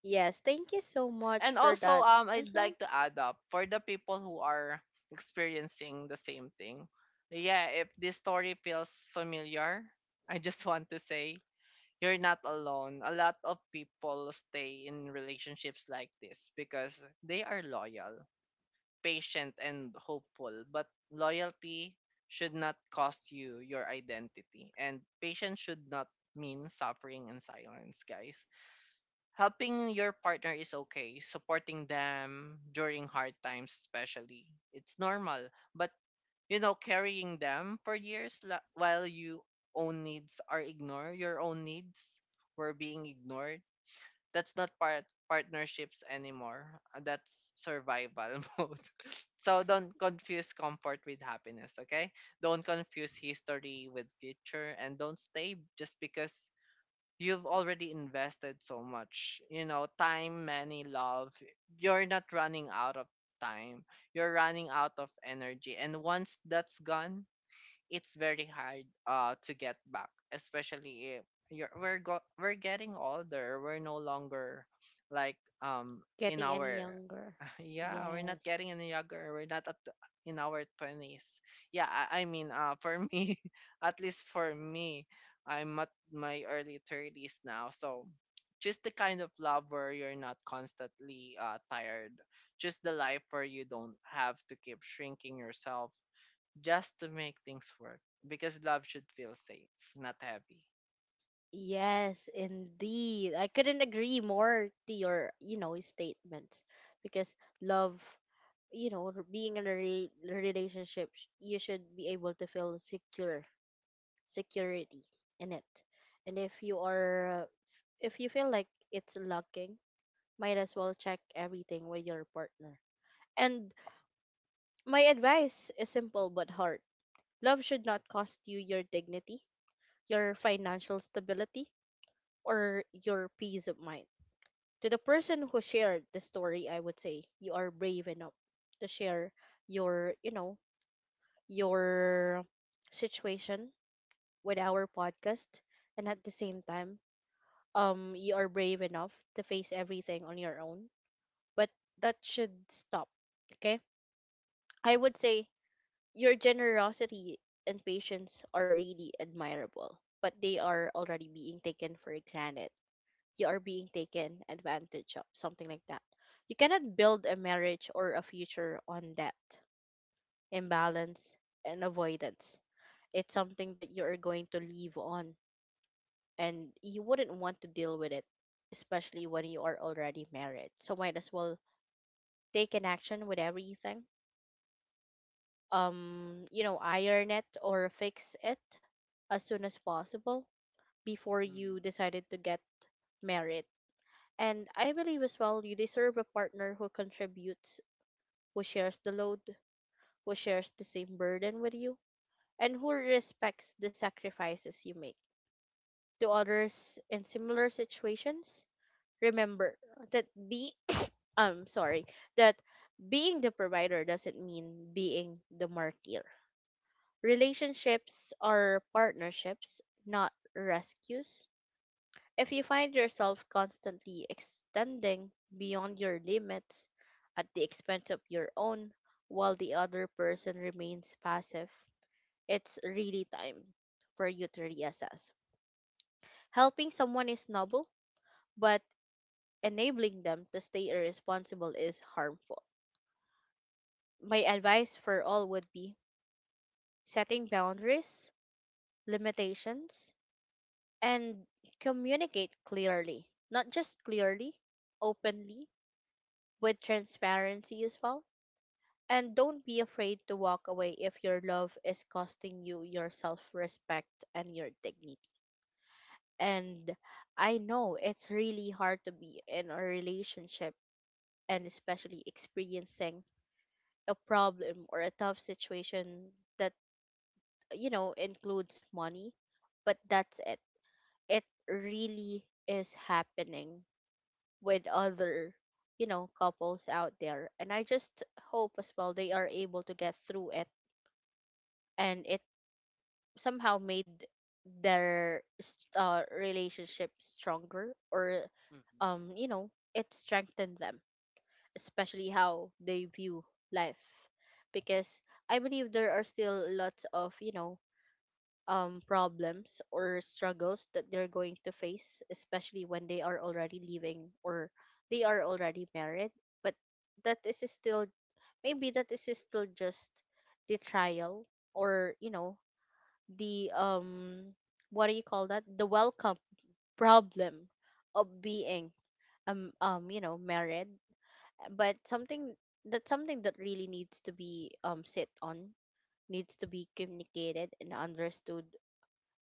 [SPEAKER 1] Yes, thank you so much
[SPEAKER 2] And
[SPEAKER 1] for
[SPEAKER 2] also,
[SPEAKER 1] that.
[SPEAKER 2] I'd
[SPEAKER 1] Hmm.
[SPEAKER 2] like to add up for the people who are experiencing the same thing. Yeah, if this story feels familiar, I just want to say you're not alone. A lot of people stay in relationships like this because they are loyal, patient, and hopeful. But loyalty should not cost you your identity, and patience should not mean suffering in silence, guys. Helping your partner is okay, supporting them during hard times, especially. It's normal. But you know carrying them for years, while you own needs are ignored, your own needs were being ignored, that's not part partnerships anymore. That's survival mode. So don't confuse comfort with happiness, okay? Don't confuse history with future, and don't stay just because you've already invested so much, you know, time, money, love. You're not running out of time, you're running out of energy, and once that's gone, it's very hard to get back, especially if we're getting older, we're no longer like in
[SPEAKER 1] Getting any
[SPEAKER 2] our—
[SPEAKER 1] younger.
[SPEAKER 2] yeah, we're not
[SPEAKER 1] Yes.
[SPEAKER 2] getting any younger. We're not at the- In our 20s. Yeah, I mean, for me, at least for me, I'm at my early 30s now. So just the kind of love where you're not constantly tired. Just the life where you don't have to keep shrinking yourself just to make things work. Because love should feel safe, not heavy.
[SPEAKER 1] Yes, indeed. I couldn't agree more to your, statements because love, being in a relationship, you should be able to feel secure, security in it. And if you are, if you feel like it's lacking, might as well check everything with your partner. And my advice is simple but hard. Love should not cost you your dignity, your financial stability, or your peace of mind. To the person who shared the story, I would say you are brave enough to share your, your situation with our podcast and at the same time, you are brave enough to face everything on your own, but that should stop. Okay? I would say your generosity and patience are really admirable, but they are already being taken for granted, you are being taken advantage of, something like that. You cannot build a marriage or a future on that imbalance and avoidance. It's something that you are going to live on, and you wouldn't want to deal with it, especially when you are already married. So might as well take an action with everything. Iron it or fix it as soon as possible before
[SPEAKER 2] Mm.
[SPEAKER 1] you decided to get married. And I believe as well, you deserve a partner who contributes, who shares the load, who shares the same burden with you, and who respects the sacrifices you make. To others in similar situations, remember that be I'm sorry, that being the provider doesn't mean being the martyr. Relationships are partnerships, not rescues. If you find yourself constantly extending beyond your limits at the expense of your own while the other person remains passive, it's really time for you to reassess. Helping someone is noble, but enabling them to stay irresponsible is harmful. My advice for all would be setting boundaries, limitations, and communicate clearly. Not just clearly, openly, with transparency as well. And don't be afraid to walk away if your love is costing you your self respect and your dignity. And I know it's really hard to be in a relationship and especially experiencing a problem or a tough situation that, includes money, but that's it. It really is happening with other, couples out there and I just hope as well they are able to get through it and it somehow made their relationship stronger or
[SPEAKER 2] Mm-hmm.
[SPEAKER 1] it strengthened them especially how they view life because I believe there are still lots of, problems or struggles that they're going to face, especially when they are already living or they are already married. But that is still, maybe that is still just the trial or, the, what do you call that? The welcome problem of being, married. But that's something that really needs to be sit on, needs to be communicated and understood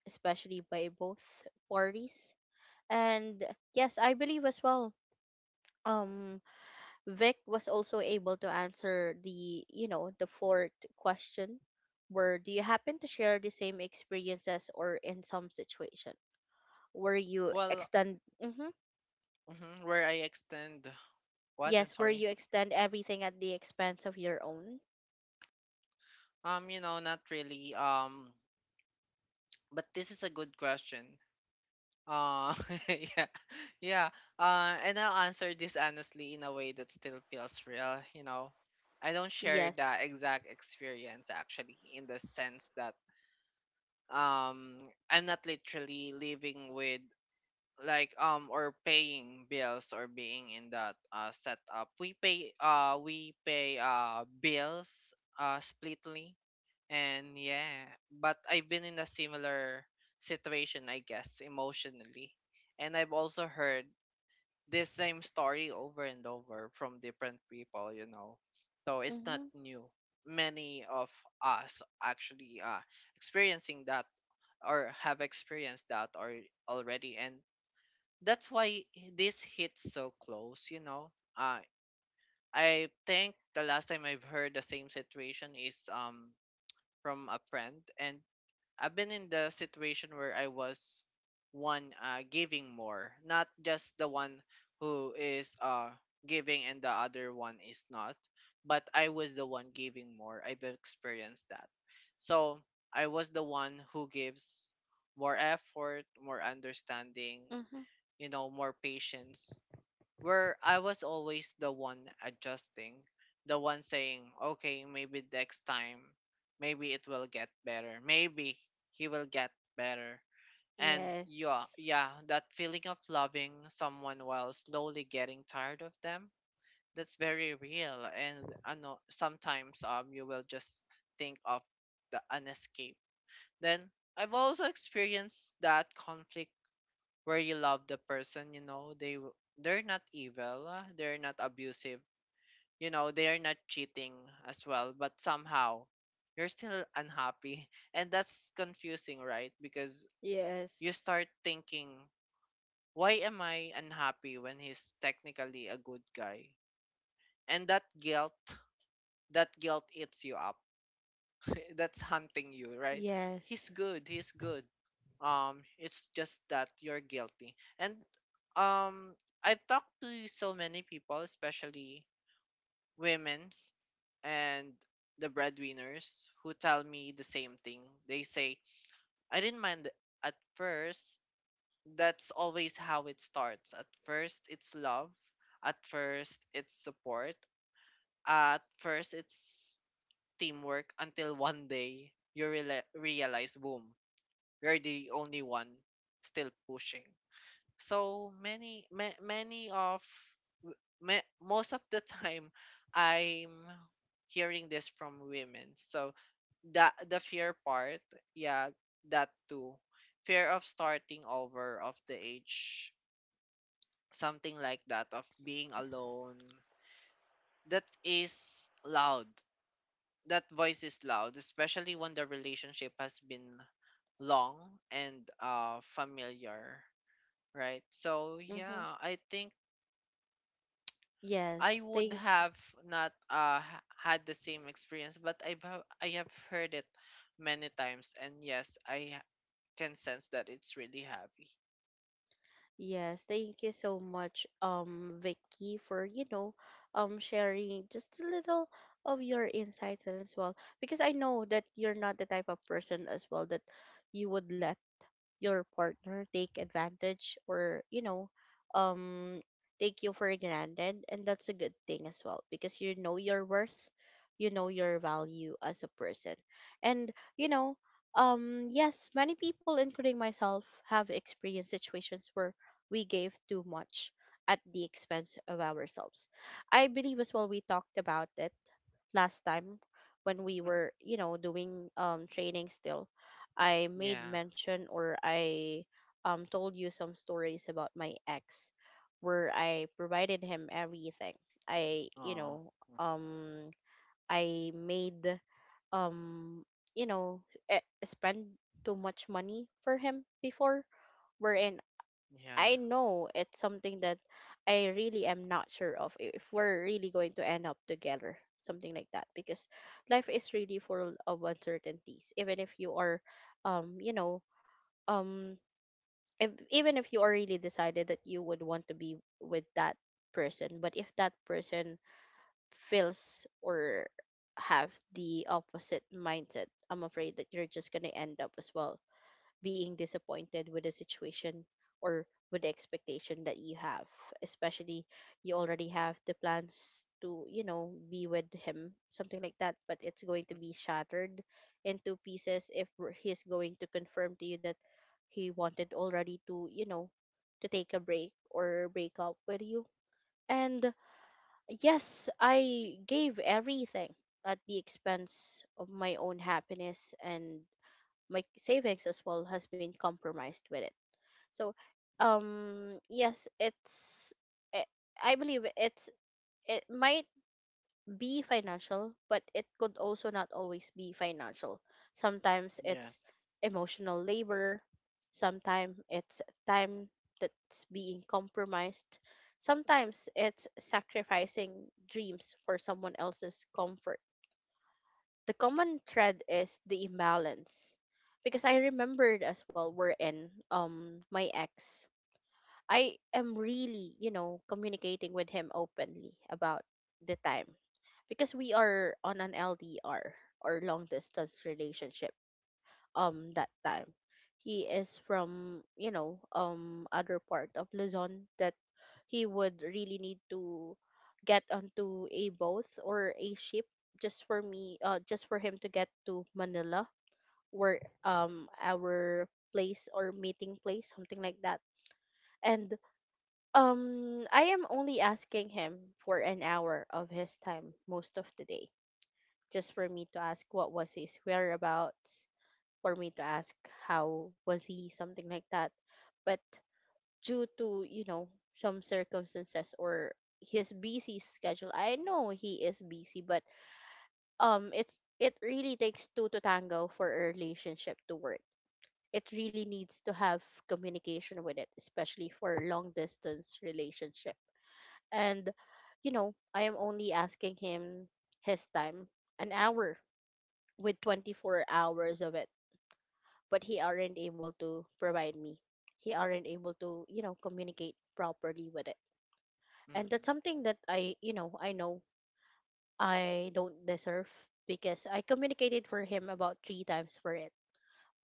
[SPEAKER 1] especially by both parties. And yes, I believe as well. Um, Vic was also able to answer the, the fourth question, where do you happen to share the same experiences or in some situation where you
[SPEAKER 2] Well,
[SPEAKER 1] extend? Mm-hmm,
[SPEAKER 2] mhm, where I extend what? I'm
[SPEAKER 1] yes, where
[SPEAKER 2] sorry.
[SPEAKER 1] you extend everything at the expense of your own.
[SPEAKER 2] You know, not really. But this is a good question. Uh, yeah, yeah. And I'll answer this honestly in a way that still feels real. You know, I don't share
[SPEAKER 1] Yes.
[SPEAKER 2] the exact experience actually, in the sense that um, I'm not literally living with like or paying bills or being in that setup. We pay bills splitly, and yeah, but I've been in a similar situation, I guess, emotionally. And I've also heard this same story over and over from different people, you know. So it's not
[SPEAKER 1] Mm-hmm,
[SPEAKER 2] new. Many of us actually experiencing that, or have experienced that, or already. And that's why this hits so close, you know. Uh, I think the last time I've heard the same situation is from a friend, and I've been in the situation where I was one giving more, not just the one who is giving and the other one is not, but I was the one giving more. I've experienced that. So I was the one who gives more effort, more understanding,
[SPEAKER 1] mm-hmm.
[SPEAKER 2] you know, more patience, where I was always the one adjusting, the one saying, okay, maybe next time, maybe it will get better. Maybe he will get better. And yeah,
[SPEAKER 1] Yes.
[SPEAKER 2] yeah, that feeling of loving someone while slowly getting tired of them, that's very real. And I know sometimes you will just think of the an escape. Then I've also experienced that conflict where you love the person, you know, they're not evil, they're not abusive, you know, they are not cheating as well, but somehow you're still unhappy. And that's confusing, right? Because you
[SPEAKER 1] Yes.
[SPEAKER 2] start thinking, why am I unhappy when he's technically a good guy? And that guilt eats you up. That's hunting you, right? He's
[SPEAKER 1] Yes.
[SPEAKER 2] good. He's good. It's just that you're guilty. And um, I've talked to so many people, especially women's and the breadwinners, who tell me the same thing. They say, I didn't mind at first. That's always how it starts. At first, it's love. At first, it's support. At first, it's teamwork, until one day you realize, boom, you're the only one still pushing. So many, ma- many of, ma- most of the time, I'm hearing this from women. So that the fear part, yeah, that too. Fear of starting over, of the age, something like that, of being alone. That is loud, that voice is loud, especially when the relationship has been long and familiar, right? So
[SPEAKER 1] Mm-hmm.
[SPEAKER 2] yeah, I think I
[SPEAKER 1] Yes.
[SPEAKER 2] would
[SPEAKER 1] Thank—
[SPEAKER 2] have not had the same experience, but I have heard it many times, and yes, can sense that it's really heavy.
[SPEAKER 1] Yes, thank you so much, Vicky, for, sharing just a little of your insights as well. Because I know that you're not the type of person as well that you would let your partner take advantage or um take you for granted and that's a good thing as well because you know your worth, you know your value as a person. And, you know yes, many people including myself have experienced situations where we gave too much at the expense of ourselves. I believe as well we talked about it last time when we
[SPEAKER 2] Mm.
[SPEAKER 1] were, doing training still. I made
[SPEAKER 2] Yeah.
[SPEAKER 1] mention or I told you some stories about my ex where I provided him everything, I,
[SPEAKER 2] Oh. Mhm.
[SPEAKER 1] um I made um you know spend too much money for him before, wherein
[SPEAKER 2] Yeah.
[SPEAKER 1] I know it's something that I really am not sure of, if we're really going to end up together, something like that, because life is really full of uncertainties. Even if you are, um, you know, um, if, even if you already decided that you would want to be with that person, but if that person feels or have the opposite mindset, I'm afraid that you're just gonna end up as well being disappointed with the situation or with the expectation that you have, especially you already have the plans to, you know, be with him, something like that, but it's going to be shattered into pieces if he's going to confirm to you that he wanted already to, you know, to take a break or break up with you. And yes, I gave everything at the expense of my own happiness, and my savings as well has been compromised with it. So,
[SPEAKER 2] Mm.
[SPEAKER 1] yes, it's i I believe it might be financial, but it could also not always be financial. Sometimes it's
[SPEAKER 2] Yes.
[SPEAKER 1] emotional labor, sometimes it's time that's being compromised, sometimes it's sacrificing dreams for someone else's comfort. The common thread is the imbalance, because I remembered as well, we're in my ex, I am really, you know, communicating with him openly about the time, because we are on an LDR or long distance relationship that time. He is from, you know, other part of Luzon, that he would really need to get onto a boat or a ship just for me, just for him to get to Manila, where our place or meeting place, something like that. And I am only asking him for an hour of his time most of the day, just for me to ask what was his whereabouts, for me to ask how was he, something like that. But due to, you know, some circumstances or his busy schedule, I know he is busy, but um, it really takes two to tango for a relationship to work. It really needs to have communication with it, especially for long distance relationship. And you know, I am only asking him his time, an hour with 24 hours of it. But he aren't able to provide me, he aren't able to, you know, communicate properly with it. And
[SPEAKER 2] Hmm.
[SPEAKER 1] that's something that I, you know, I know I don't deserve, because I communicated for him about three times for it,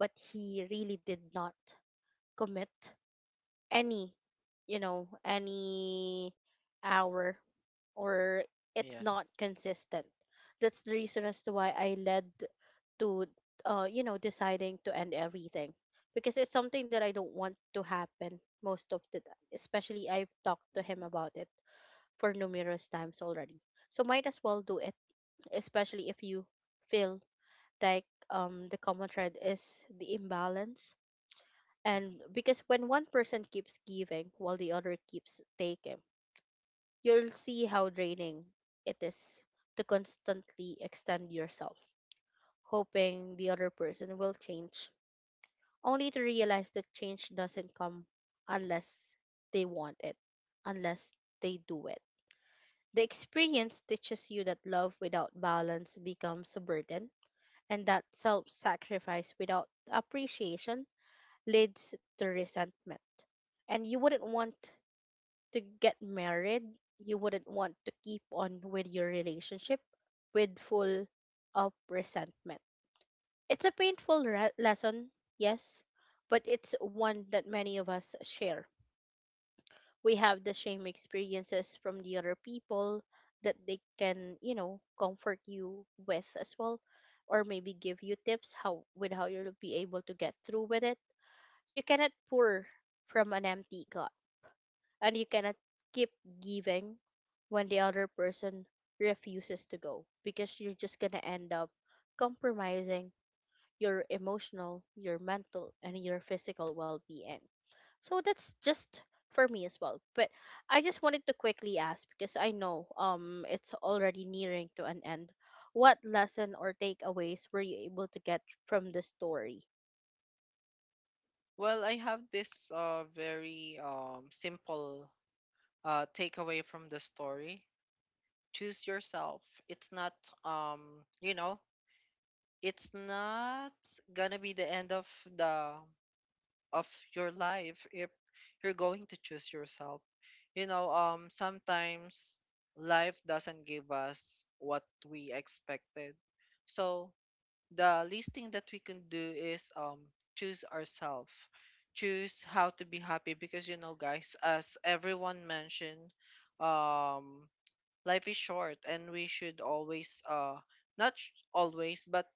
[SPEAKER 1] but he really did not commit any, you know, any hour, or it's not
[SPEAKER 2] Yes.
[SPEAKER 1] consistent. That's the reason as to why I led to, you know, deciding to end everything, because it's something that I don't want to happen most of the time. Especially I've talked to him about
[SPEAKER 2] Hmm.
[SPEAKER 1] it for numerous times already. So might as well do it, especially if you feel like the common thread is the imbalance. And
[SPEAKER 2] Hmm.
[SPEAKER 1] because when one person keeps giving while the other keeps taking, you'll see how draining it is to constantly extend yourself, hoping the other person will change, only to realize the change doesn't come unless they want it, unless they do it. The experience teaches you that love without balance becomes a burden, and that self sacrifice without appreciation leads to resentment. And you wouldn't want to get married, you wouldn't want to keep on with your relationship with full of resentment. It's a painful lesson, yes, but it's one that many of us share. We have the same experiences from the other people that they can, you know, comfort you with as well, or maybe give you tips how with how you'll be able to get through with it. You cannot pour from an empty cup, and you cannot keep giving when the other person refuses to go, because you're just gonna end up compromising your emotional, your mental, and your physical well being. So that's just for me as well. But I just wanted to quickly ask, because I know it's already nearing to an end. What lesson or takeaways were you able to get from the story?
[SPEAKER 2] Well, I have this very simple takeaway from the story. Choose yourself. It's not, um, you know, it's not gonna be the end of the— of your life if you're going to choose yourself. You know, sometimes life doesn't give us what we expected. So the least thing that we can do is choose ourselves, choose how to be happy, because you know guys, as everyone mentioned, um life is short and we should always not sh- always, but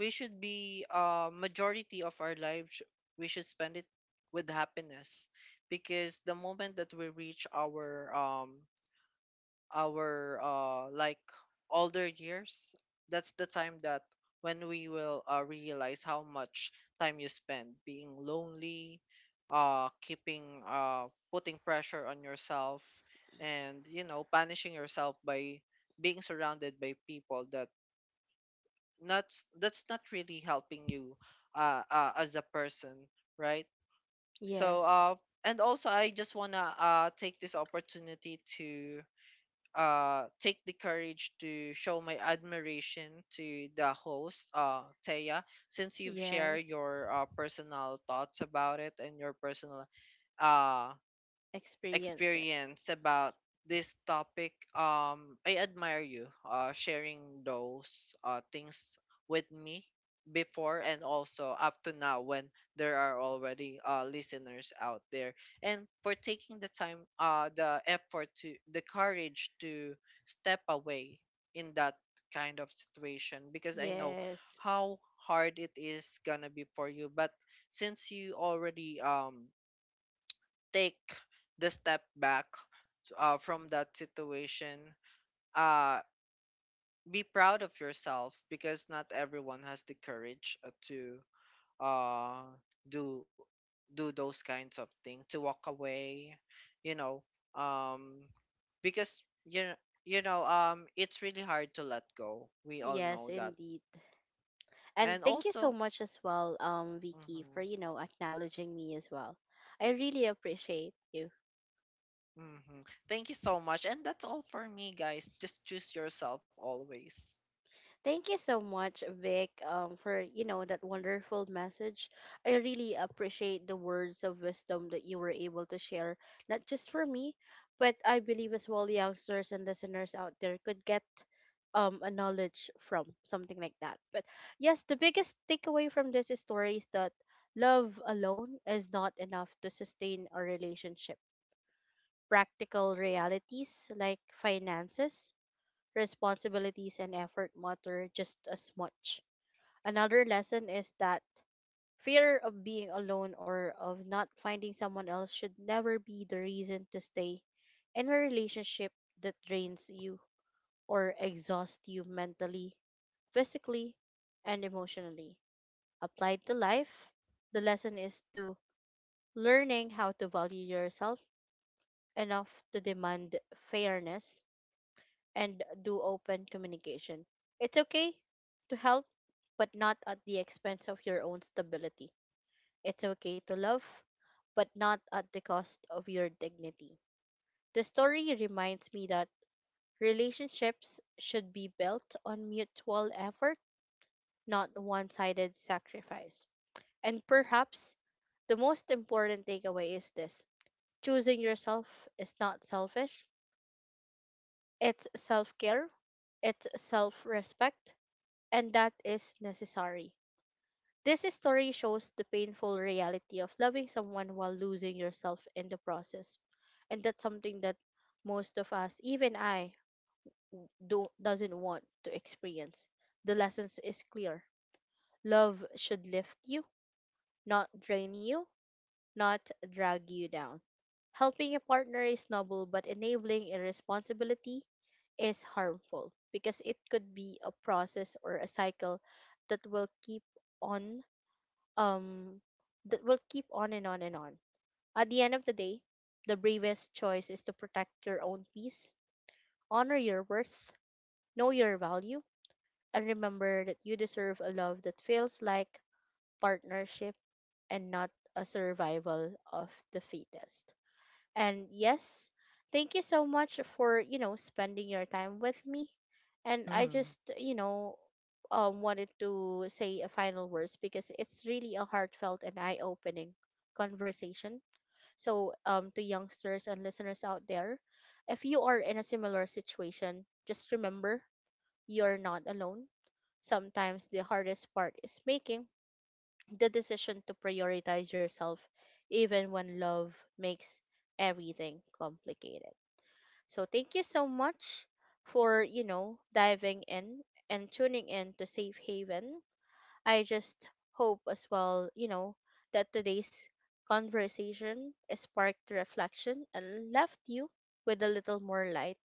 [SPEAKER 2] we should be majority of our lives, we should spend it with happiness, because the moment that we reach our like older years, that's the time that when we will realize how much time you spend being lonely, keeping putting pressure on yourself, and you know punishing yourself by being surrounded by people that— not, that's not really helping you as a person, right? So
[SPEAKER 1] Yes.
[SPEAKER 2] and also, I just want to take this opportunity to take the courage to show my admiration to the host, Taya, since you've shared
[SPEAKER 1] Yes.
[SPEAKER 2] your personal thoughts about it and your personal uh
[SPEAKER 1] Experience it.
[SPEAKER 2] experience about this topic. I admire you sharing those things with me before, and also up to now when there are already listeners out there, and for taking the time, the effort, to the courage to step away in that kind of situation, because I know
[SPEAKER 1] Yes.
[SPEAKER 2] how hard it is gonna be for you, but since you already take the step back from that situation, uh be proud of yourself, because not everyone has the courage to uh do do those kinds of things, to walk away, you know. um because you know it's really hard to let go, we all
[SPEAKER 1] Yes,
[SPEAKER 2] know that.
[SPEAKER 1] indeed. And
[SPEAKER 2] And
[SPEAKER 1] thank you so
[SPEAKER 2] also,
[SPEAKER 1] much as well, Vicky, for
[SPEAKER 2] mhm,
[SPEAKER 1] you know acknowledging me as well. I really appreciate you.
[SPEAKER 2] mhm, thank you so much, and that's all for me guys, just choose yourself always.
[SPEAKER 1] Thank you so much, Vic, for you know that wonderful message. I really appreciate the words of wisdom that you were able to share, not just for me, but I believe as well youngsters and listeners out there could get a knowledge from something like that. But yes, the biggest takeaway from this story is that love alone is not enough to sustain a relationship. Practical realities like finances, responsibilities and effort matter just as much. Another lesson is that fear of being alone or of not finding someone else should never be the reason to stay in a relationship that drains you or exhausts you mentally, physically, and emotionally. Applied to life, the lesson is to learning how to value yourself enough to demand fairness and do open communication. It's okay to help, but not at the expense of your own stability. It's okay to love, but not at the cost of your dignity. The story reminds me that relationships should be built on mutual effort, not one sided sacrifice. And perhaps the most important takeaway is this: choosing yourself is not selfish, it's self care, it's self respect, and that is necessary. This story shows the painful reality of loving someone while losing yourself in the process. And that's something that most of us, even I, do doesn't want to experience. The lessons is clear. Love should lift you, not drain you, not drag you down. Helping a partner is noble, but enabling irresponsibility is harmful, because it could be a process or a cycle that will keep on um that will keep on and on and on. At the end of the day, the bravest choice is to protect your own peace, honor your worth, know your value, and remember that you deserve a love that feels like partnership and not a survival of the fittest. And yes, thank you so much for, you know, spending your time with me. And I
[SPEAKER 2] Hmm.
[SPEAKER 1] just, you know, wanted to say a final words, because it's really a heartfelt and eye-opening conversation. So, to youngsters and listeners out there, if you are in a similar situation, just remember you're not alone. Sometimes the hardest part is making the decision to prioritize yourself, even when love makes everything complicated. So thank you so much for, you know, diving in and tuning in to Safe Haven. I just hope as well, you know, that today's conversation sparked reflection and left you with a little more light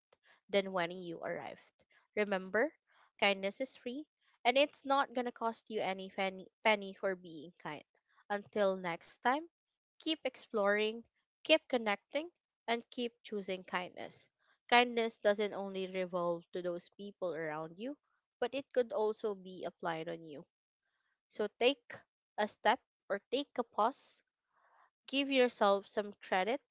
[SPEAKER 1] than when you arrived. Remember, kindness is free, and it's not gonna cost you any penny for being kind. Until next time, keep exploring, keep connecting, and keep choosing kindness. Kindness doesn't only revolve to those people around you, but it could also be applied on you. So take a step or take a pause, give yourself some credit,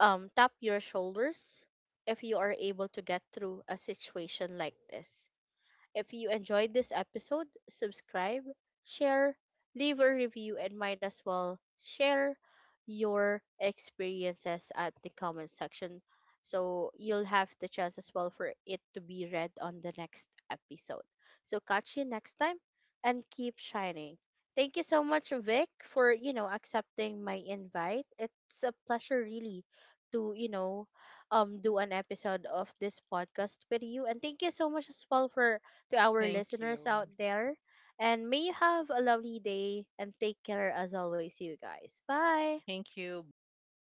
[SPEAKER 1] tap your shoulders if you are able to get through a situation like this. If you enjoyed this episode, subscribe, share, leave a review, and might as well share your experiences at the comment section, so you'll have the chance as well for it to be read on the next episode. So catch you next time and keep shining. Thank you so much, Vic, for you know accepting my invite. It's a pleasure really to you know do an episode of this podcast with you, and thank you so much as well for to our
[SPEAKER 2] Thank
[SPEAKER 1] listeners
[SPEAKER 2] you.
[SPEAKER 1] out there. And may you have a lovely day and take care as always, you guys. Bye.
[SPEAKER 2] Thank you. Bye.